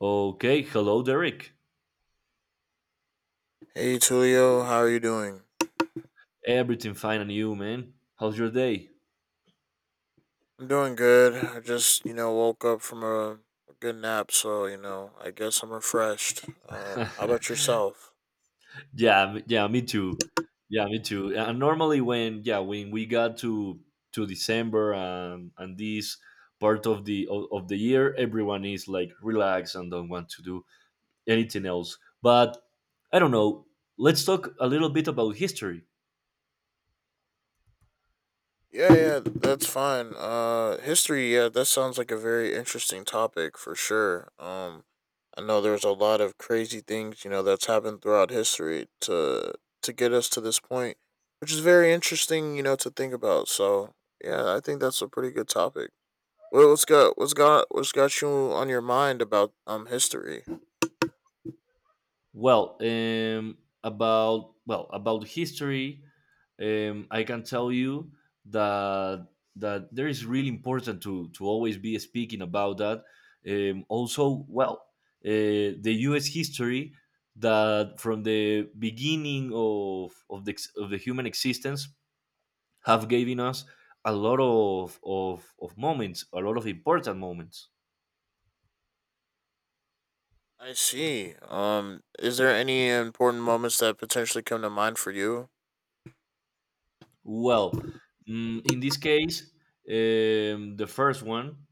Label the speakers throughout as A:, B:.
A: Okay, hello, Derek.
B: Hey Tulio, how are you doing?
A: Everything fine and you, man? How's your day?
B: I'm doing good. I just, woke up from a good nap, so, I guess I'm refreshed. How about yourself?
A: Me too. Yeah, me too. And normally, when we got to December and this part of the year, everyone is like relaxed and don't want to do anything else. But I don't know. Let's talk a little bit about history.
B: Yeah, yeah, that's fine. History, yeah, that sounds like a very interesting topic for sure. I know there's a lot of crazy things, that's happened throughout history to get us to this point, which is very interesting, to think about. So, yeah, I think that's a pretty good topic. Well, what's got you on your mind about history?
A: Well, about well about history, I can tell you that that there is really important to always be speaking about that. Also, well, the U.S. history that from the beginning of of the human existence have given us a lot of moments, a lot of important moments.
B: I see. Is there any important moments that potentially come to mind for you?
A: Well, in this case, um, the first one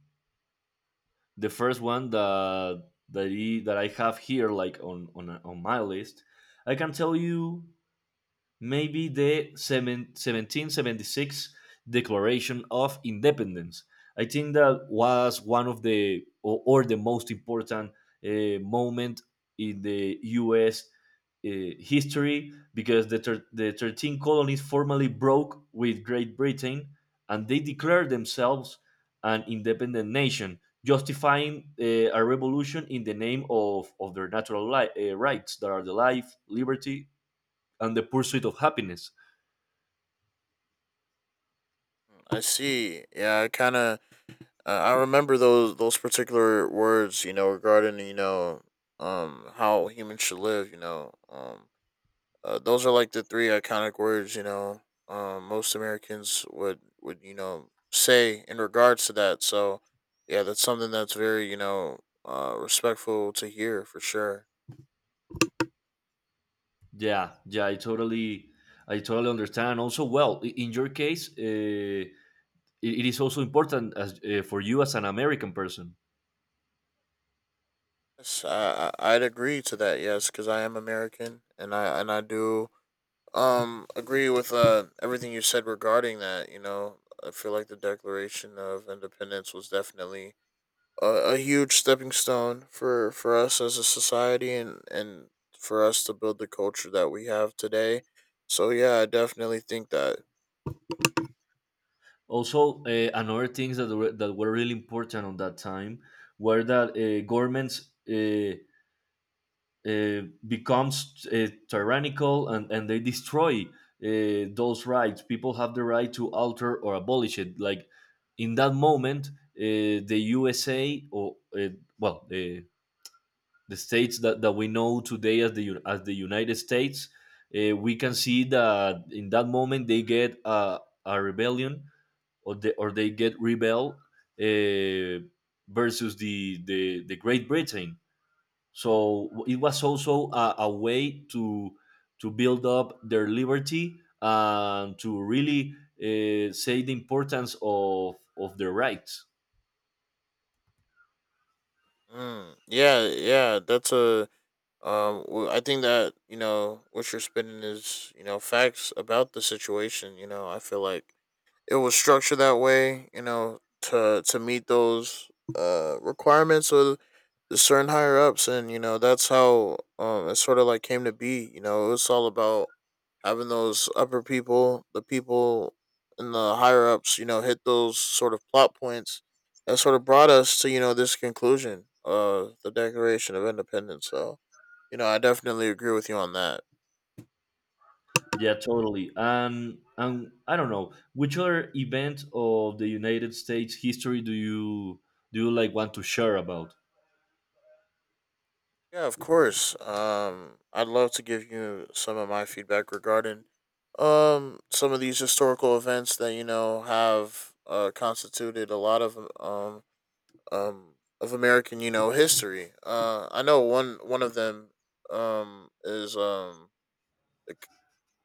A: the first one that I have here, like on my list, I can tell you maybe 1776 Declaration of Independence. I think that was one of the or the most important moment in the U.S. History because the 13 colonies formally broke with Great Britain, and they declared themselves an independent nation, justifying a revolution in the name of their natural rights, that are the life, liberty, and the pursuit of happiness.
B: I see. Yeah, I kind of I remember those particular words. Regarding how humans should live. Those are like the three iconic words. Most Americans would say in regards to that. So, yeah, that's something that's very respectful to hear for sure.
A: Yeah, yeah, I totally, I totally understand. Also, well, in your case, it is also important as, for you as an American person.
B: Yes, I'd agree to that. Yes, because I am American, and I do agree with everything you said regarding that. I feel like the Declaration of Independence was definitely a huge stepping stone for us as a society and for us to build the culture that we have today. So yeah, I definitely think that.
A: Also, another things that were really important on that time were that, governments, uh, becomes tyrannical, and they destroy those rights. People have the right to alter or abolish it. Like in that moment, the USA, or well, the states that we know today as as the United States, we can see that in that moment they get a rebellion, or they get rebel uh, versus the Great Britain. So it was also a way to build up their liberty, and to really say the importance of their rights.
B: Mm, yeah, yeah, that's a. I think that what you're spinning is facts about the situation. I feel like it was structured that way. To meet those requirements of certain higher ups, and that's how it sort of like came to be. It was all about having those upper people, the people in the higher ups, hit those sort of plot points that sort of brought us to this conclusion of the Declaration of Independence. So I definitely agree with you on that.
A: Yeah, totally. And I don't know, which other event of the United States history do you like want to share about?
B: Yeah, of course. I'd love to give you some of my feedback regarding some of these historical events that have constituted a lot um of American history. I know one of them um is um the, c-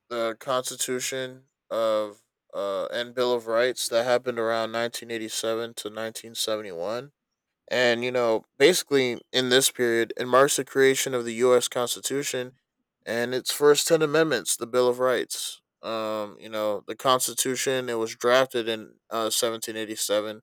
B: the Constitution of and Bill of Rights that happened around 1987 to 1971. And, basically in this period, it marks the creation of the U.S. Constitution and its first 10 amendments, the Bill of Rights. The Constitution, it was drafted in 1787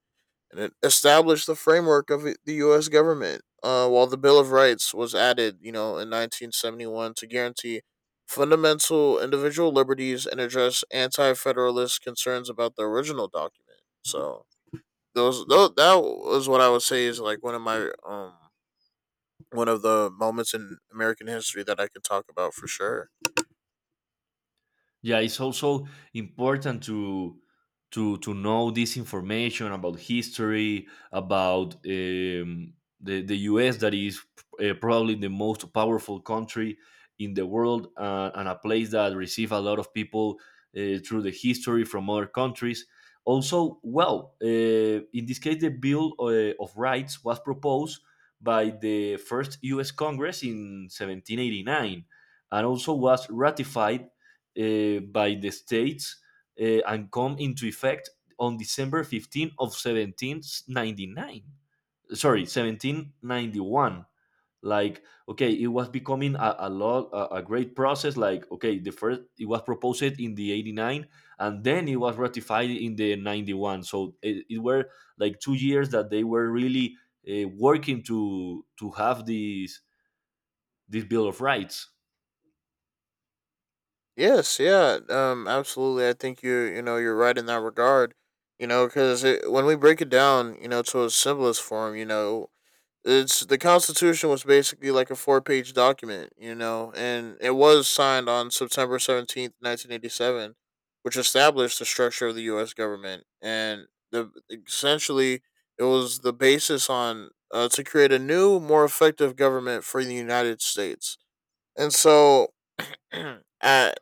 B: and it established the framework of the U.S. government, while the Bill of Rights was added, in 1971 to guarantee fundamental individual liberties and address anti federalist concerns about the original document. So, those that was what I would say is like one of the moments in American history that I could talk about for sure.
A: Yeah, it's also important to know this information about history, about, the U.S. that is, probably the most powerful country in the world, and a place that receive a lot of people through the history from other countries. Also, well, in this case, the Bill of Rights was proposed by the first U.S. Congress in 1789, and also was ratified, by the states, and come into effect on December 15 of 1799. Sorry, 1791. Like, okay, it was becoming a great process. Like, okay, the first, it was proposed in the 89, and then it was ratified in the 91. So it were like 2 years that they were really, working to have this Bill of Rights.
B: Yes, yeah, absolutely. I think you're right in that regard. Because when we break it down, to its simplest form, it's the Constitution was basically like a four-page document, and it was signed on September 17th, 1987, which established the structure of the U.S. government, and the essentially it was the basis on to create a new, more effective government for the United States. And so, uh,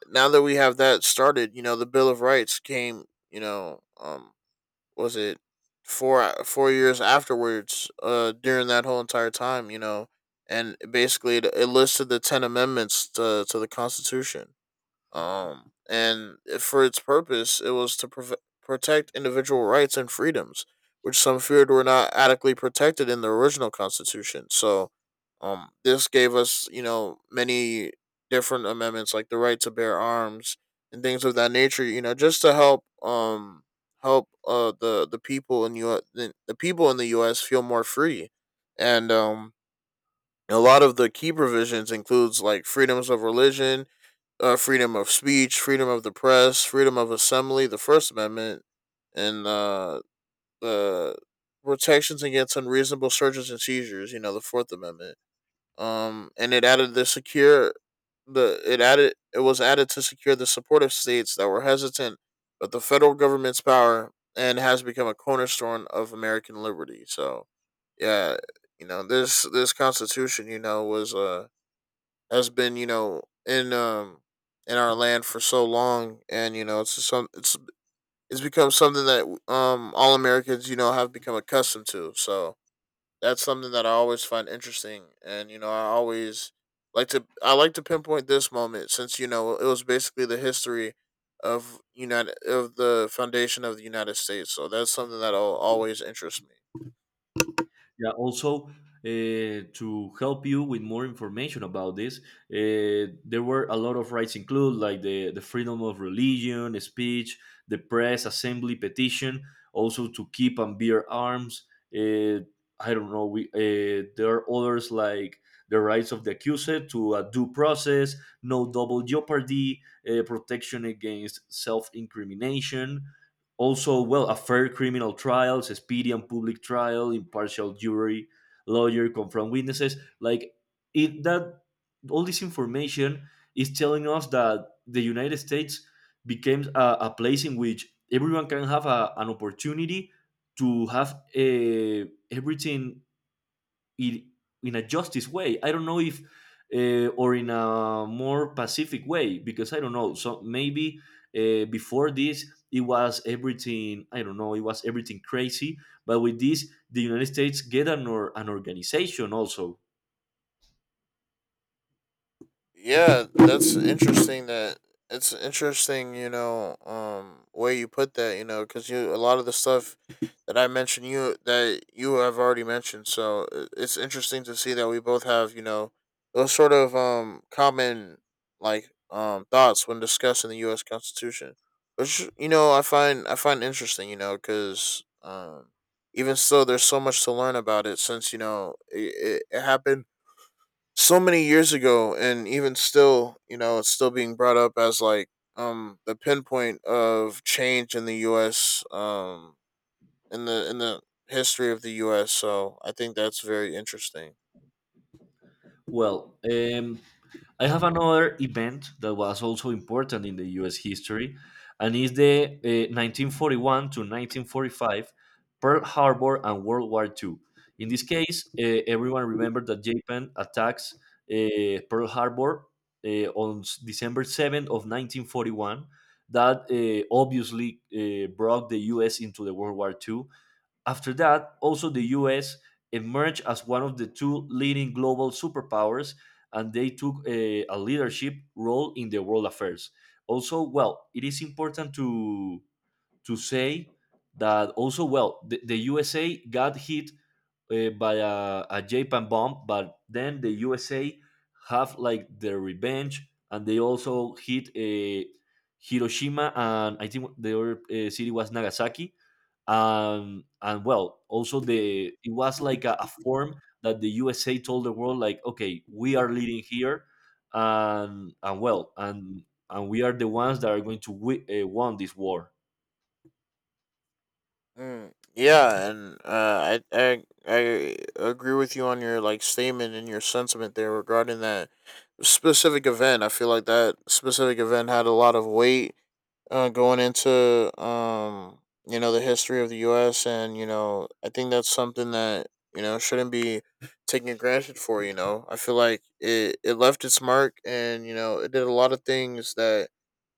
B: now that we have that started, the Bill of Rights came, was it 4 years afterwards during that whole entire time and basically it listed the 10 amendments to the constitution, and for its purpose, it was to protect individual rights and freedoms, which some feared were not adequately protected in the original Constitution. So, this gave us, many different amendments like the right to bear arms and things of that nature. Just to help the people in the U.S. feel more free, and a lot of the key provisions includes like freedoms of religion, freedom of speech, freedom of the press, freedom of assembly, the First Amendment, and the protections against unreasonable searches and seizures. The Fourth Amendment. And it was added to secure the support of states that were hesitant, but the federal government's power and has become a cornerstone of American liberty. So yeah, this Constitution, you know, was has been, in our land for so long, and it's become something that all Americans have become accustomed to. So that's something that I always find interesting, and I always like to I like to pinpoint this moment since it was basically the history of the foundation of the United States. So that's something that'll always interest me.
A: Yeah, also to help you with more information about this, there were a lot of rights included, like the freedom of religion, speech, the press, assembly, petition, also to keep and bear arms. Uh, I don't know. We there are others like the rights of the accused to a due process, no double jeopardy, protection against self-incrimination, also well, a fair criminal trials, a speedy and public trial, impartial jury, lawyer, confront witnesses. Like it that all this information is telling us that the United States became a place in which everyone can have an opportunity to have a everything it in a justice way. I don't know if, or in a more pacific way, because I don't know. So maybe, before this it was everything, I don't know. It was everything crazy, but with this the United States get an or an organization also.
B: Yeah, that's interesting. That It's interesting, way you put that, because you a lot of the stuff that I mentioned, you that you have already mentioned. So it's interesting to see that we both have, those sort of common like thoughts when discussing the U.S. Constitution, which I find interesting, because even so, there's so much to learn about it since it happened so many years ago and even still it's still being brought up as like the pinpoint of change in the US, in the history of the US, so I think that's very interesting.
A: Well, I have another event that was also important in the US history, and is the 1941 to 1945 Pearl Harbor and World War II. In this case, everyone remembered that Japan attacks, Pearl Harbor, December 7th of 1941. That obviously, brought the US into the World War II. After that, also the US emerged as one of the two leading global superpowers, and they took a leadership role in the world affairs. Also, well, it is important to say that also, well, the USA got hit, by a Japan bomb, but then the USA have like their revenge, and they also hit a Hiroshima, and I think the other, city was Nagasaki. And well also the it was like a form that the USA told the world like, okay, we are leading here, and well, and we are the ones that are going to won this war.
B: Mm, yeah, and I agree with you on your like statement and your sentiment there regarding that specific event. I feel like that specific event had a lot of weight going into the history of the U.S. and I think that's something that shouldn't be taken granted for. I feel like it left its mark and it did a lot of things that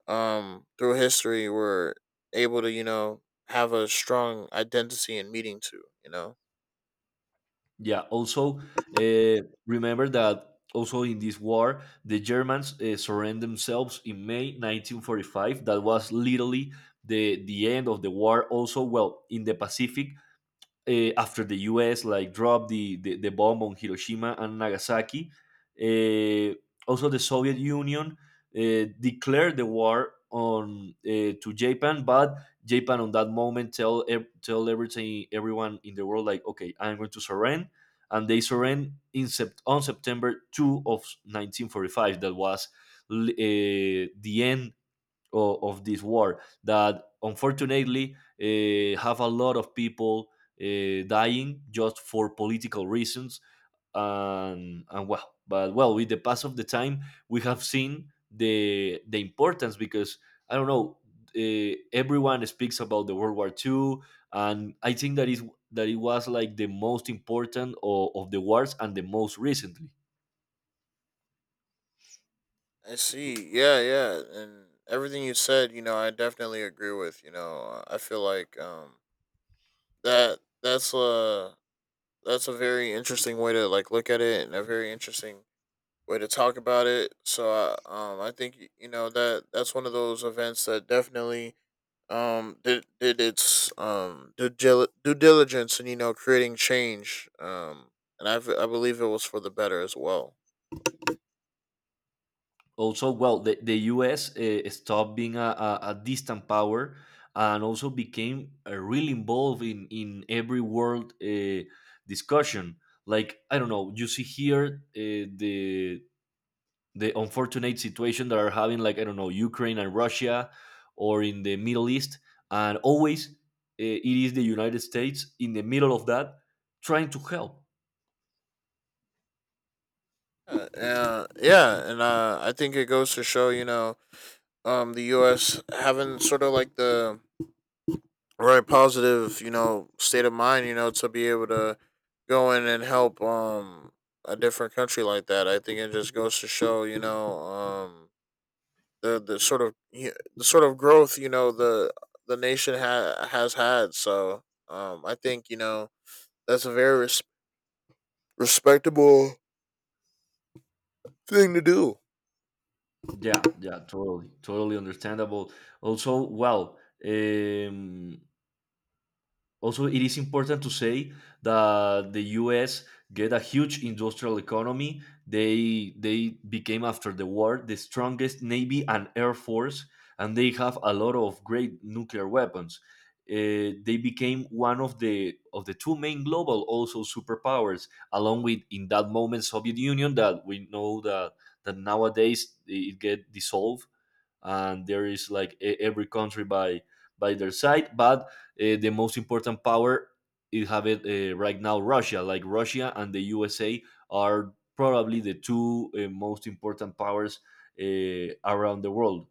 B: through history were able to have a strong identity and meaning to.
A: Yeah, also, uh, remember that also in this war the Germans, surrendered themselves in May 1945. That was literally the end of the war, also well in the Pacific, after the U.S. like dropped the bomb on Hiroshima and Nagasaki. Uh, Also, the Soviet Union declared the war on, to Japan, but Japan on that moment tell everything everyone in the world like, okay, I'm going to surrender, and they surrender on September two of 1945. That was, the end of this war that unfortunately, have a lot of people, dying just for political reasons. And well, but well, with the pass of the time we have seen the importance, because I don't know, everyone speaks about the World War Two, and I think that is that it was like the most important of the wars and the most recently.
B: I see. Yeah, yeah, and everything you said, I definitely agree with. I feel like that that's a that's a very interesting way to like look at it and a very interesting way to talk about it. So I think that that's one of those events that definitely did its due diligence and creating change, and I believe it was for the better as well.
A: Also well, the US stopped being a distant power, and also became, really involved in every world, discussion. Like I don't know, you see here, the unfortunate situation that are having, like I don't know, Ukraine and Russia, or in the Middle East, and always, it is the United States in the middle of that, trying to help.
B: Yeah, and I think it goes to show the US having sort of like the right positive, state of mind, to be able to go in and help a different country like that. I think it just goes to show, the sort of growth, the nation has had. So I think that's a very respectable thing to do.
A: Yeah, yeah, totally, totally understandable. Also well, um, also, it is important to say that the U.S. get a huge industrial economy. They became after the war the strongest navy and air force, and they have a lot of great nuclear weapons. They became one of the two main global also superpowers, along with in that moment Soviet Union, that we know that nowadays it get dissolved, and there is like every country by their side. But, the most important power is have it, right now Russia. Like Russia and the USA are probably the two, most important powers, around the world,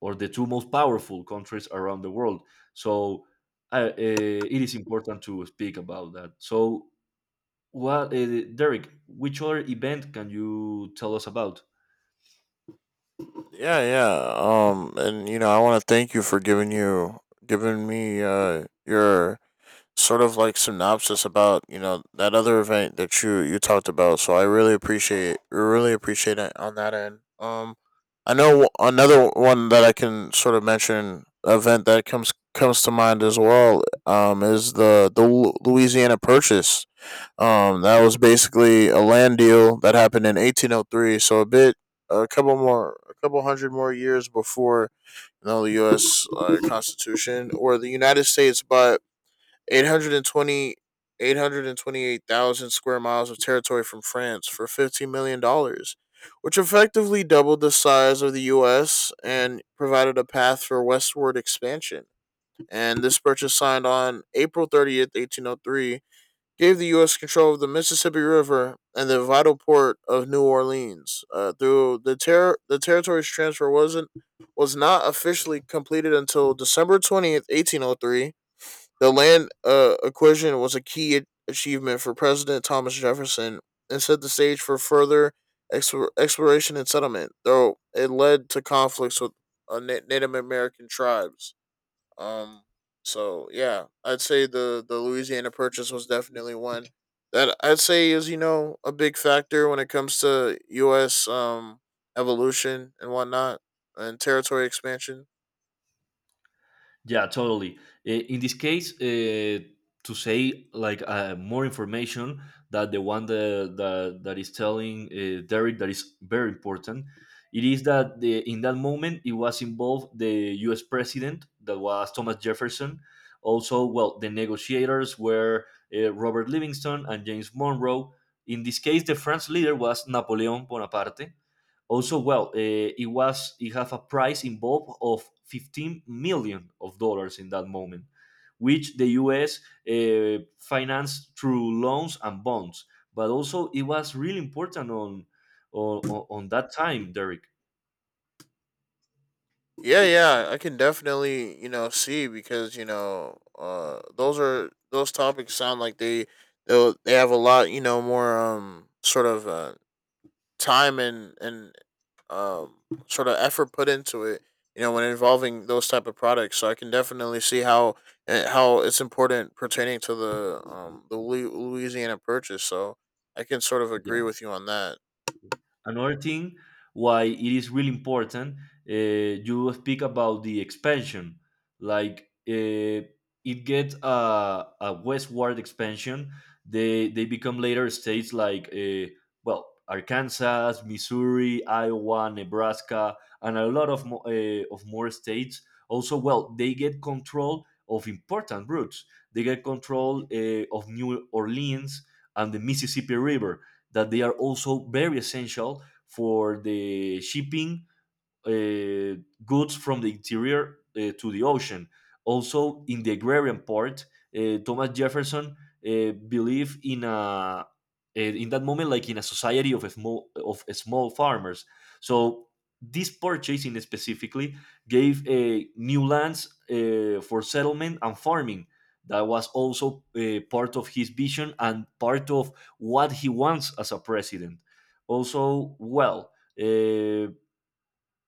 A: or the two most powerful countries around the world. So, it is important to speak about that. So, what, Derek? Which other event can you tell us about?
B: Yeah, yeah. And I want to thank you for giving me your sort of like synopsis about that other event that you talked about. So I really appreciate it on that end. I know another one that I can sort of mention, event that comes to mind as well, is the Louisiana Purchase. That was basically a land deal that happened in 1803. So a couple hundred more years before the U.S. Constitution or the United States, but Eight hundred and twenty-eight thousand square miles of territory from France for $15 million, dollars, which effectively doubled the size of the U.S. and provided a path for westward expansion. And this purchase, signed on April 30th, 1803, gave the U.S. control of the Mississippi River and the vital port of New Orleans. Through the territory's transfer was not officially completed until December 20th, 1803. The land acquisition was a key achievement for President Thomas Jefferson and set the stage for further exploration and settlement, though it led to conflicts with uh, Native American tribes. Um, so yeah, I'd say the Louisiana Purchase was definitely one that I'd say is a big factor when it comes to U.S., evolution and whatnot and territory expansion.
A: Yeah, totally. In this case, to say like, more information, that the one that is telling, Derek, that is very important. It is that in that moment it was involved the U.S. president that was Thomas Jefferson. Also, well, the negotiators were, Robert Livingston and James Monroe. In this case, the French leader was Napoleon Bonaparte. Also, well, it was it have a price involved of 15 million of dollars in that moment, which the U.S. Financed through loans and bonds. But also, it was really important on that time, Derek.
B: Yeah, yeah, I can definitely, see because those topics sound like they have a lot, more sort of time and um sort of effort put into it, when involving those type of products. So I can definitely see how it's important pertaining to the Louisiana purchase. So I can sort of agree with you on that.
A: Another thing why it is really important, you speak about the expansion. Like, it gets a westward expansion. They become later states like, well, Arkansas, Missouri, Iowa, Nebraska, and a lot of more states. Also, well, they get control of important routes. They get control, of New Orleans and the Mississippi River, that they are also very essential for the shipping, uh, goods from the interior, to the ocean. Also, in the agrarian part, Thomas Jefferson, believed in in that moment like in a society of a small farmers. So this purchasing specifically gave, new lands for settlement and farming. That was also, part of his vision and part of what he wants as a president. Also, well, eh,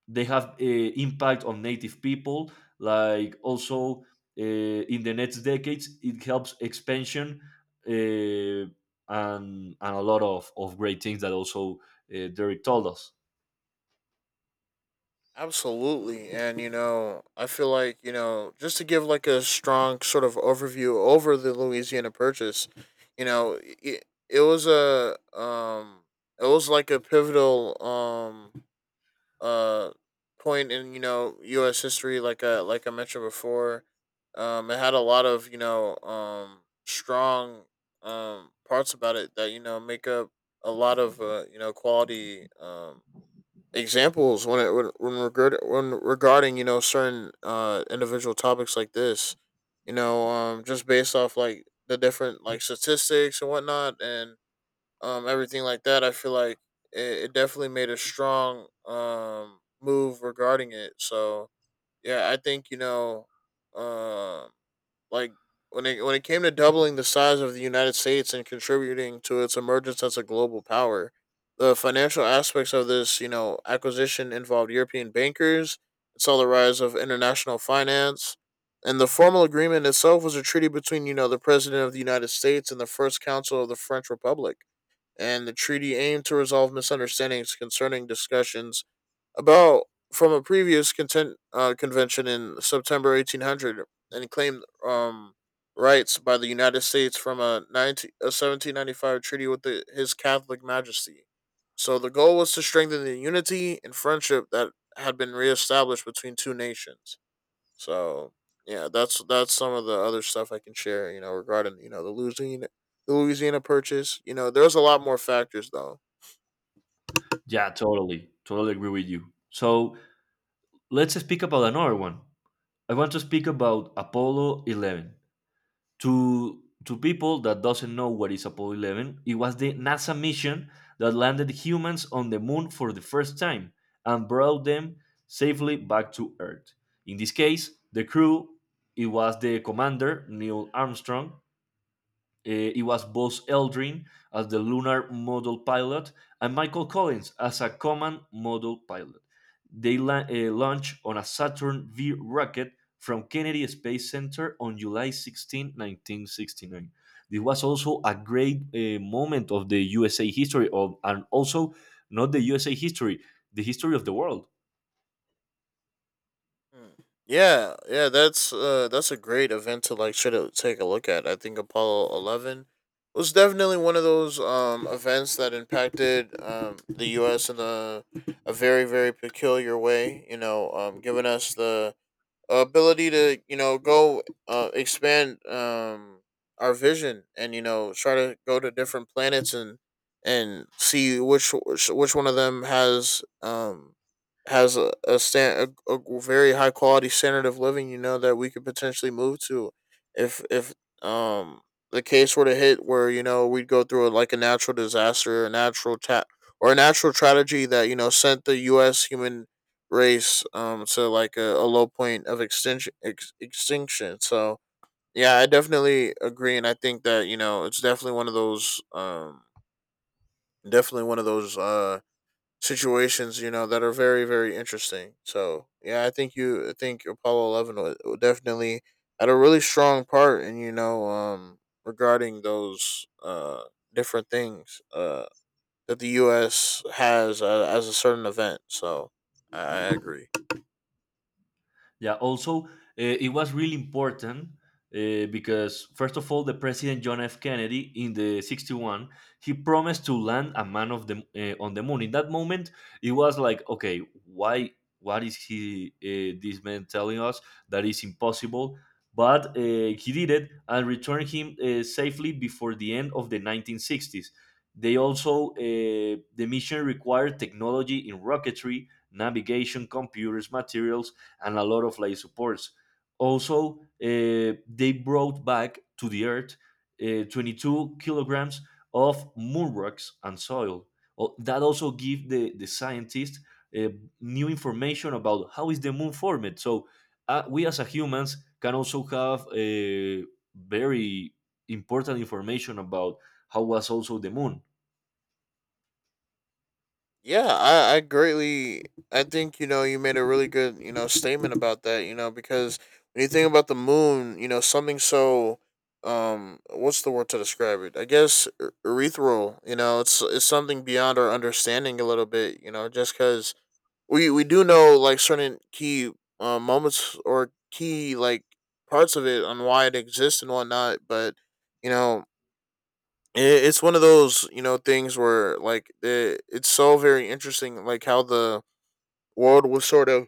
A: they have impact on native people, like also, in the next decades it helps expansion, uh, and a lot of great things that also derek told us.
B: Absolutely. And I feel like, just to give like a strong sort of overview over the Louisiana Purchase. You know, it was a, it was like a pivotal, uh, point in, U.S. history, like, like I mentioned before. It had a lot of, strong, parts about it that, make up a lot of, quality, examples when it when, regard, when regarding certain individual topics like this, just based off like the different like statistics and whatnot, and everything like that I feel like it definitely made a strong move regarding it. So yeah, I think, um like when it came to doubling the size of the United States and contributing to its emergence as a global power, the financial aspects of this, acquisition involved European bankers. It saw the rise of international finance, and the formal agreement itself was a treaty between the president of the United States and the First Council of the French Republic. And the treaty aimed to resolve misunderstandings concerning discussions about from a previous convention in September 1800 and claimed rights by the United States from a, 19, a 1795 treaty with the His Catholic Majesty. So the goal was to strengthen the unity and friendship that had been reestablished between two nations. So yeah, that's some of the other stuff I can share. Regarding the Louisiana Purchase. There's a lot more factors though.
A: Yeah, totally, totally agree with you. So let's speak about another one. I want to speak about apollo 11. To people that doesn't know what is Apollo 11, it was the NASA mission that landed humans on the moon for the first time and brought them safely back to Earth. In this case, the crew, it was the commander Neil Armstrong, it was Buzz Aldrin as the lunar module pilot and Michael Collins as a command module pilot. They launched on a Saturn V rocket from Kennedy Space Center on July 16, 1969. This was also a great moment of the USA history, of, and also not the USA history, the history of the world.
B: Mm. Yeah, yeah, that's a great event to like try to take a look at. I think Apollo 11 was definitely one of those events that impacted the US in a very, very peculiar way, giving us the ability to go, expand our vision and try to go to different planets and see which one of them has, has a very high quality standard of living, that we could potentially move to if um the case were to hit where we'd go through like a natural disaster a natural ta- or a natural tragedy that sent the US human race to like a low point of extinction. So yeah, I definitely agree, and I think that it's definitely one of those definitely one of those uh situations, that are very, very interesting. So yeah, I think Apollo 11 definitely had a really strong part in, regarding those different things, that the US has, as a certain event. So I agree.
A: Yeah. Also, it was really important because first of all, the president John F. Kennedy in the '61 he promised to land a man of the, on the moon. In that moment, it was like, okay, why? What is he? This man telling us that is impossible. But he did it and returned him safely before the end of the 1960s. They also, the mission required technology in rocketry, navigation, computers, materials, and a lot of life supports. Also, they brought back to the earth 22 kilograms of moon rocks and soil. Oh, that also give the scientists uh, new information about how is the moon formed. So we as a humans can also have very important information about how was also the moon.
B: Yeah, I greatly I think, you made a really good, statement about that, because when you think about the moon, something so, what's the word to describe it? I guess ethereal, it's something beyond our understanding a little bit, just cuz we do know like certain key moments or key like parts of it on why it exists and whatnot. But you know, it's one of those things where like it's so very interesting, like how the world was sort of,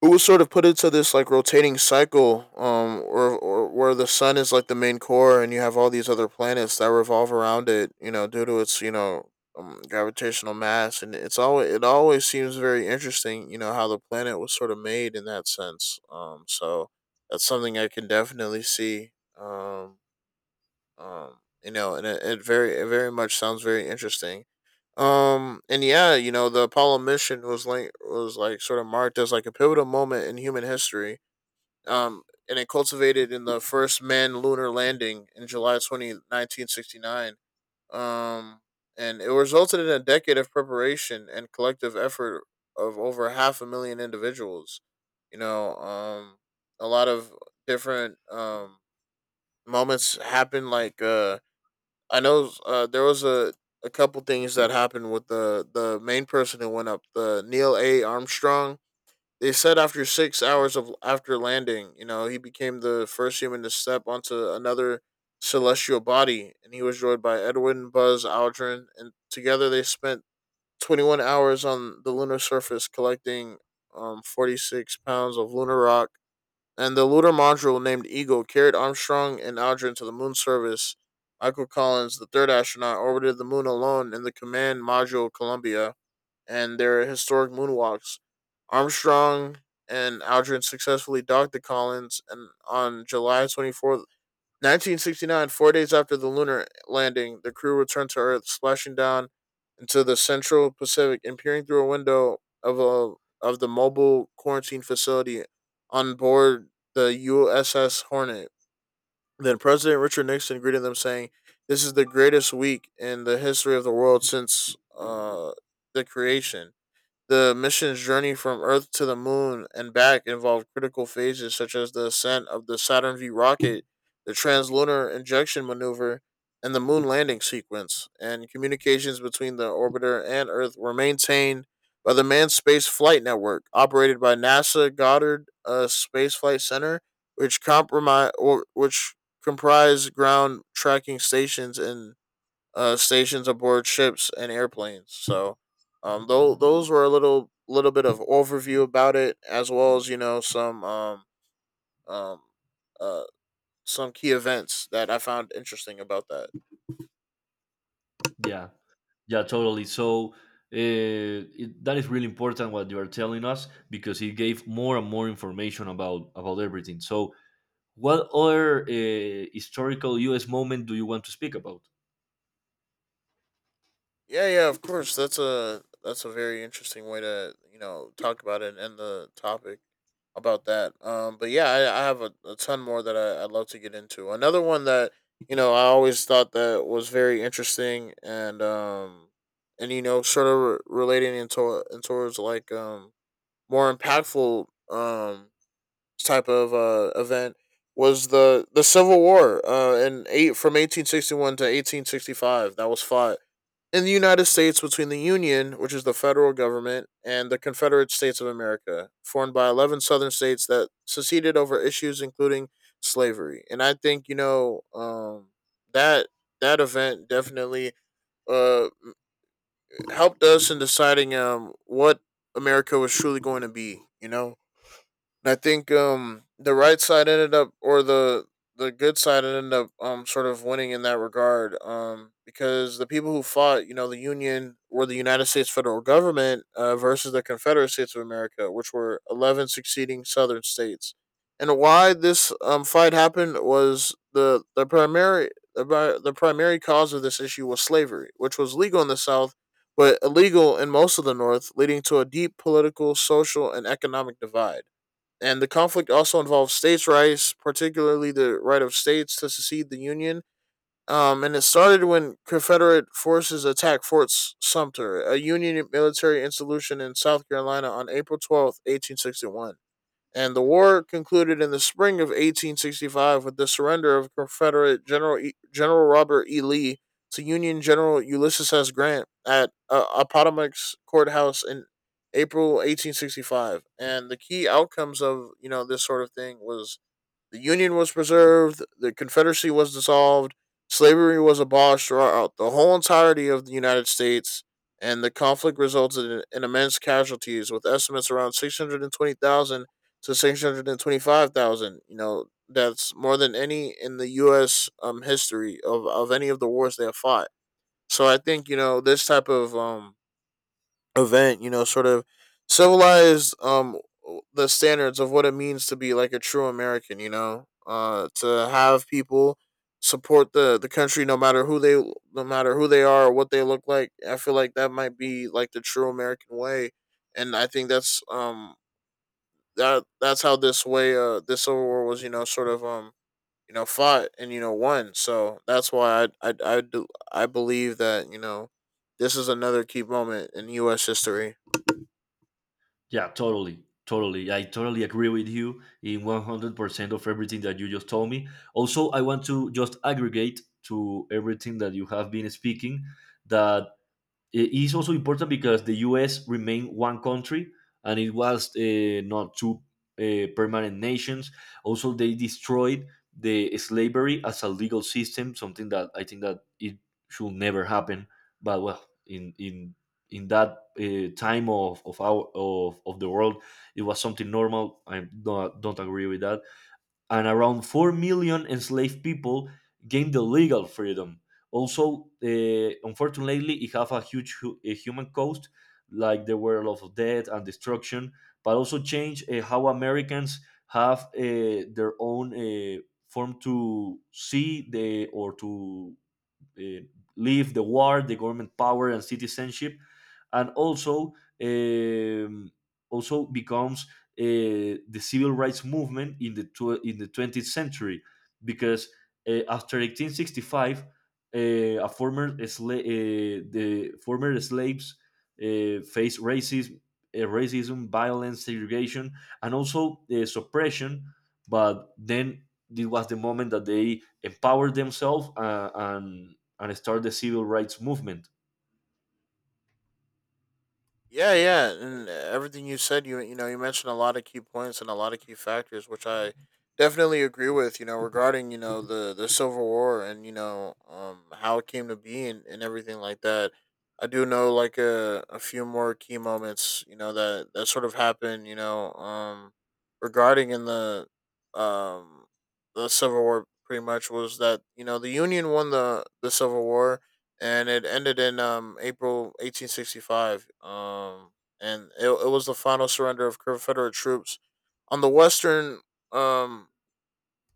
B: it was sort of put into this like rotating cycle, or where the sun is like the main core, and you have all these other planets that revolve around it, due to its, gravitational mass. And it always seems very interesting, how the planet was sort of made in that sense. So that's something I can definitely see. um and it very much sounds very interesting. And yeah, the Apollo mission was like sort of marked as like a pivotal moment in human history, um and it cultivated in the first manned lunar landing in July 20, 1969, um and it resulted in a decade of preparation and collective effort of over half a million individuals. you know um a lot of different moments happened, like, I know, there was a couple things that happened with, the main person who went up, the Neil A. Armstrong. They said after 6 hours of after landing, he became the first human to step onto another celestial body, and he was joined by Edwin Buzz Aldrin, and together they spent 21 hours on the lunar surface collecting 46 pounds of lunar rock. And the lunar module named Eagle carried Armstrong and Aldrin to the moon surface. Michael Collins, the third astronaut, orbited the moon alone in the command module Columbia, and their historic moonwalks. Armstrong and Aldrin successfully docked the Collins, and on July 24th, 1969, four days after the lunar landing, the crew returned to Earth, splashing down into the central Pacific and peering through a window of a of the mobile quarantine facility on board the USS Hornet. Then President Richard Nixon greeted them, saying, "This is the greatest week in the history of the world since the creation." The mission's journey from Earth to the Moon and back involved critical phases such as the ascent of the Saturn V rocket, the translunar injection maneuver, and the moon landing sequence, and communications between the orbiter and Earth were maintained by the Manned Space Flight Network, operated by NASA Goddard Space Flight Center, which compromise or which comprise ground tracking stations in, stations aboard ships and airplanes. So those were a little bit of overview about it, as well as um uh some key events that I found interesting about that.
A: Yeah. Yeah, totally. So that is really important what you are telling us because it gave more and more information about everything. So, what other historical U.S. moment do you want to speak about?
B: Yeah, yeah, of course. That's a very interesting way to talk about it and end the topic about that. But yeah, I have a ton more that I'd love to get into. Another one that I always thought that was very interesting and, sort of relating into in towards, like, more impactful, type of event, was the Civil War, in eight from 1861 to 1865, that was fought in the United States between the Union, which is the federal government, and the Confederate States of America, formed by 11 southern states that seceded over issues including slavery. And I think, that that event definitely, uh, helped us in deciding what America was truly going to be, and I think the right side ended up, or the good side ended up, sort of winning in that regard, because the people who fought, the Union, were the United States federal government, versus the Confederate States of America, which were 11 succeeding Southern states. And why this fight happened was, the primary cause of this issue was slavery, which was legal in the South but illegal in most of the North, leading to a deep political, social, and economic divide. And the conflict also involves states' rights, particularly the right of states to secede the Union. And it started when Confederate forces attacked Fort Sumter, a Union military institution in South Carolina, on April 12th, 1861, and the war concluded in the spring of 1865 with the surrender of Confederate General Robert E. Lee to Union General Ulysses S. Grant at, Appomattox Courthouse in April 1865. And the key outcomes of, this sort of thing was the Union was preserved, the Confederacy was dissolved, slavery was abolished throughout the whole entirety of the United States, and the conflict resulted in immense casualties, with estimates around 620,000 to 625,000. That's more than any in the U.S. History of any of the wars they have fought. So I think, you know, this type of event, sort of civilized the standards of what it means to be like a true American, you know, to have people support the country no matter who they are or what they look like. I feel like that might be like the true American way. And I think that's how this way this Civil War was, you know, fought and won. So that's why I believe that, you know, this is another key moment in US history.
A: Yeah, totally, totally. I totally agree with you in 100% of everything that you just told me. Also, I want to just aggregate to everything that you have been speaking, that it is also important because the U.S. remained one country and it was, not two permanent nations. Also, they destroyed the slavery as a legal system, something that I think that it should never happen. But well, in in that time of the world, it was something normal. I don't agree with that, and around 4 million enslaved people gained the legal freedom. Also, unfortunately, it have a huge, a human cost, like there were a lot of death and destruction, but also change how Americans have their own form to see the, or to uh, leave the war, the government power, and citizenship, and also um, also becomes the civil rights movement in the 20th century, because after 1865, the former slaves faced racism, racism, violence, segregation, and also suppression. But then this was the moment that they empowered themselves, and start the civil rights movement.
B: Yeah, yeah, and everything you said, you mentioned a lot of key points and a lot of key factors, which I definitely agree with. You know, regarding the Civil War and how it came to be, and everything like that. I do know like a few more key moments, you know, that sort of happened. Regarding in um the Civil War, pretty much was that you know the Union won the Civil War, and it ended in April 1865. And it was the final surrender of Confederate troops on the um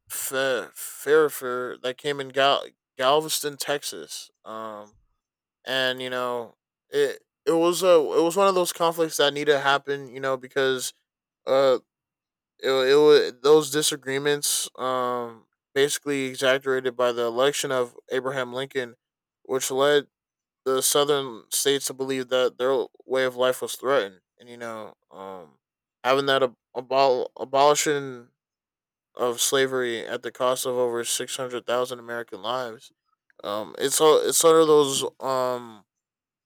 B: Fairfax that came in Galveston, Texas. And you know it was one of those conflicts that needed to happen. You know, because uh it was those disagreements basically exaggerated by the election of Abraham Lincoln, which led the southern states to believe that their way of life was threatened, and, you know, having that abolition of slavery at the cost of over 600,000 American lives. It's all it's sort of those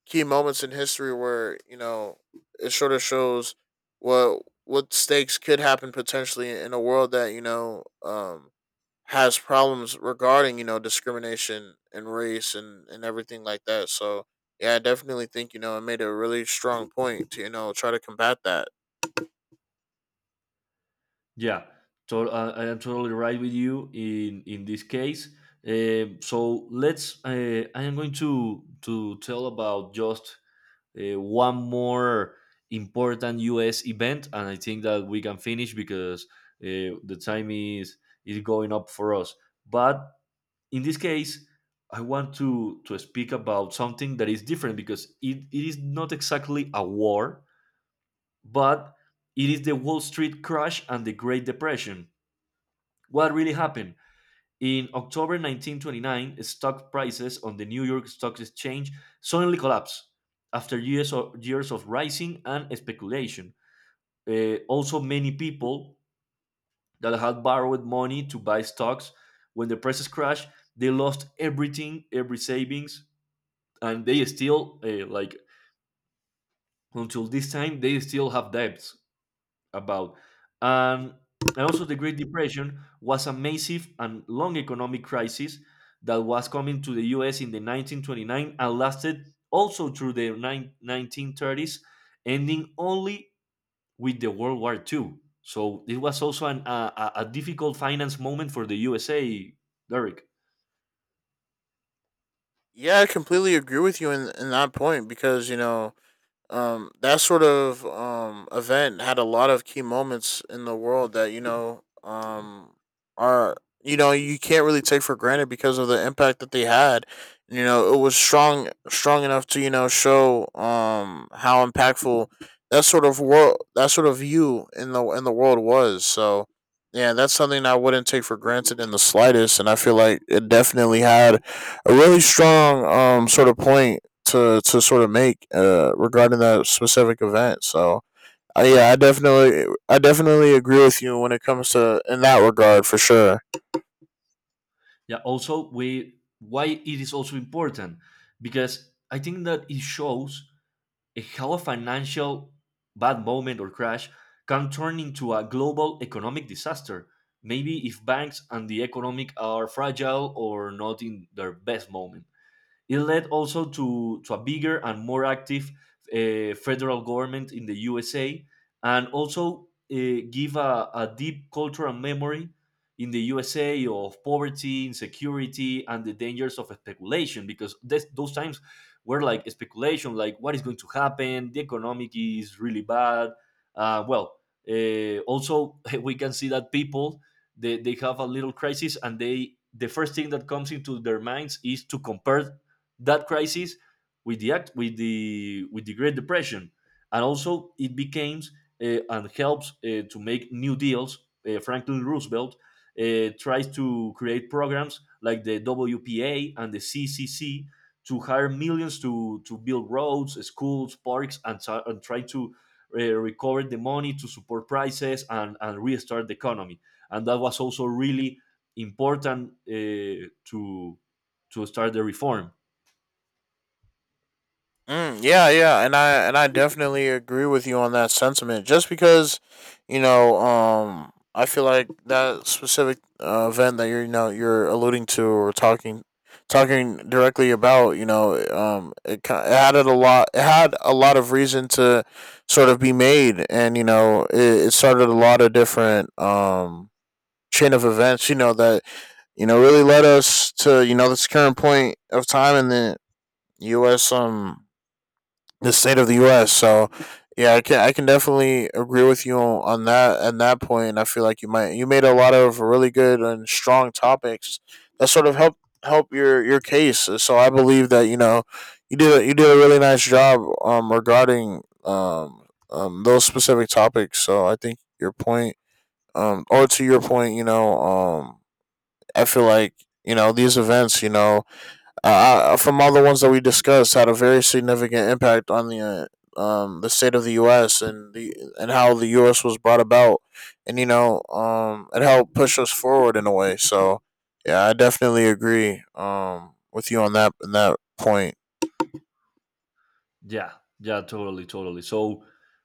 B: key moments in history where you know it sort of shows what stakes could happen potentially in a world that, you know, um, has problems regarding, you know, discrimination and race, and everything like that. So yeah, I definitely think, you know, it made a really strong point to, you know, try to combat that.
A: Yeah, so I am totally right with you in this case. Um, so let's. I am going to tell about just one more important U.S. event, and I think that we can finish because the time is going up for us. But in this case, I want to speak about something that is different because it is not exactly a war, but it is the Wall Street crash and the Great Depression. What really happened? In October 1929, stock prices on the New York Stock Exchange suddenly collapsed after years of rising and speculation. Also, many people that had borrowed money to buy stocks, when the prices crashed, they lost everything, every savings, and they still, like, until this time they still have debts about. And, and also, the Great Depression was a massive and long economic crisis that was coming to the US in the 1929 and lasted also through 1930s, ending only with the World War II. So it was also an, a difficult finance moment for the USA, Derek.
B: Yeah, I completely agree with you in that point, because you know, that sort of event had a lot of key moments in the world that, you know, are, you know, you can't really take for granted because of the impact that they had. You know, it was strong enough to, you know, show how impactful that sort of view in the world was. So yeah, that's something I wouldn't take for granted in the slightest, and I feel like it definitely had a really strong sort of point to sort of make regarding that specific event. So yeah, I definitely agree with you when it comes to in that regard for sure.
A: Yeah. Also, we why it is also important, because I think that it shows how a financial bad moment or crash can turn into a global economic disaster, maybe if banks and the economic are fragile or not in their best moment. It led also to a bigger and more active, federal government in the USA, and also give a deep cultural memory in the USA of poverty, insecurity, and the dangers of speculation, because those times were like speculation, like what is going to happen, the economic is really bad. Well, also we can see that people, they have a little crisis, and the first thing that comes into their minds is to compare that crisis with the, with the Great Depression. And also it became, and helps, to make new deals. Franklin Roosevelt tries to create programs like the WPA and the CCC to hire millions to build roads, schools, parks, and try to recover the money to support prices and restart the economy. And that was also really important, to start the reform.
B: Mm, yeah, yeah, and I definitely agree with you on that sentiment. Just because, you know, I feel like that specific event that you're you know you're alluding to or talking directly about, you know, it added a lot. It had a lot of reason to sort of be made, and you know, it started a lot of different chain of events. You know that you know really led us to you know this current point of time in the U.S. Um, the state of the U.S. So yeah, I can definitely agree with you on that, and that point. I feel like you made a lot of really good and strong topics that sort of help your case. So I believe that, you know, you did a really nice job regarding those specific topics. So I think your point, you know I feel like, you know, these events, you know, from all the ones that we discussed, had a very significant impact on the state of the U.S., and the and how the U.S. was brought about, and you know, it helped push us forward in a way. So yeah, I definitely agree with you on that in that point.
A: Yeah, yeah, totally, totally. So,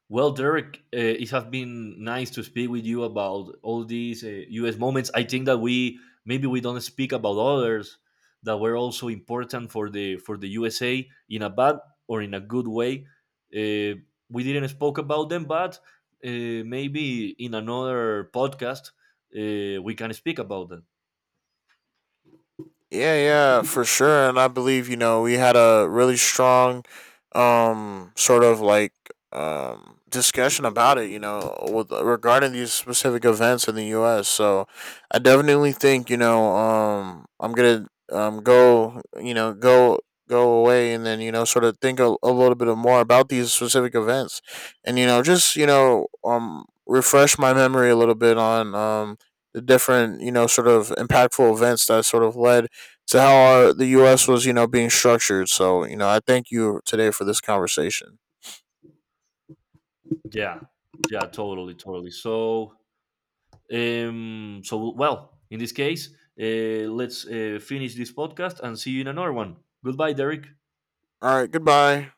A: well, Derek, it has been nice to speak with you about all these U.S. moments. I think that we, maybe we don't speak about others that were also important for the, for the USA in a bad or in a good way. Uh, we didn't spoke about them, but uh, maybe in another podcast we can speak about them.
B: Yeah, yeah, for sure. And I believe, you know, we had a really strong sort of discussion about it, you know, with regarding these specific events in the US. So I definitely think, you know, I'm gonna go away, and then, you know, sort of think a little bit more about these specific events. And, you know, just, you know, refresh my memory a little bit on the different, you know, sort of impactful events that sort of led to how the U.S. was, you know, being structured. So, you know, I thank you today for this conversation.
A: Yeah, yeah, totally, totally. So. So, well, in this case, let's finish this podcast and see you in another one. Goodbye, Derek.
B: All right, goodbye.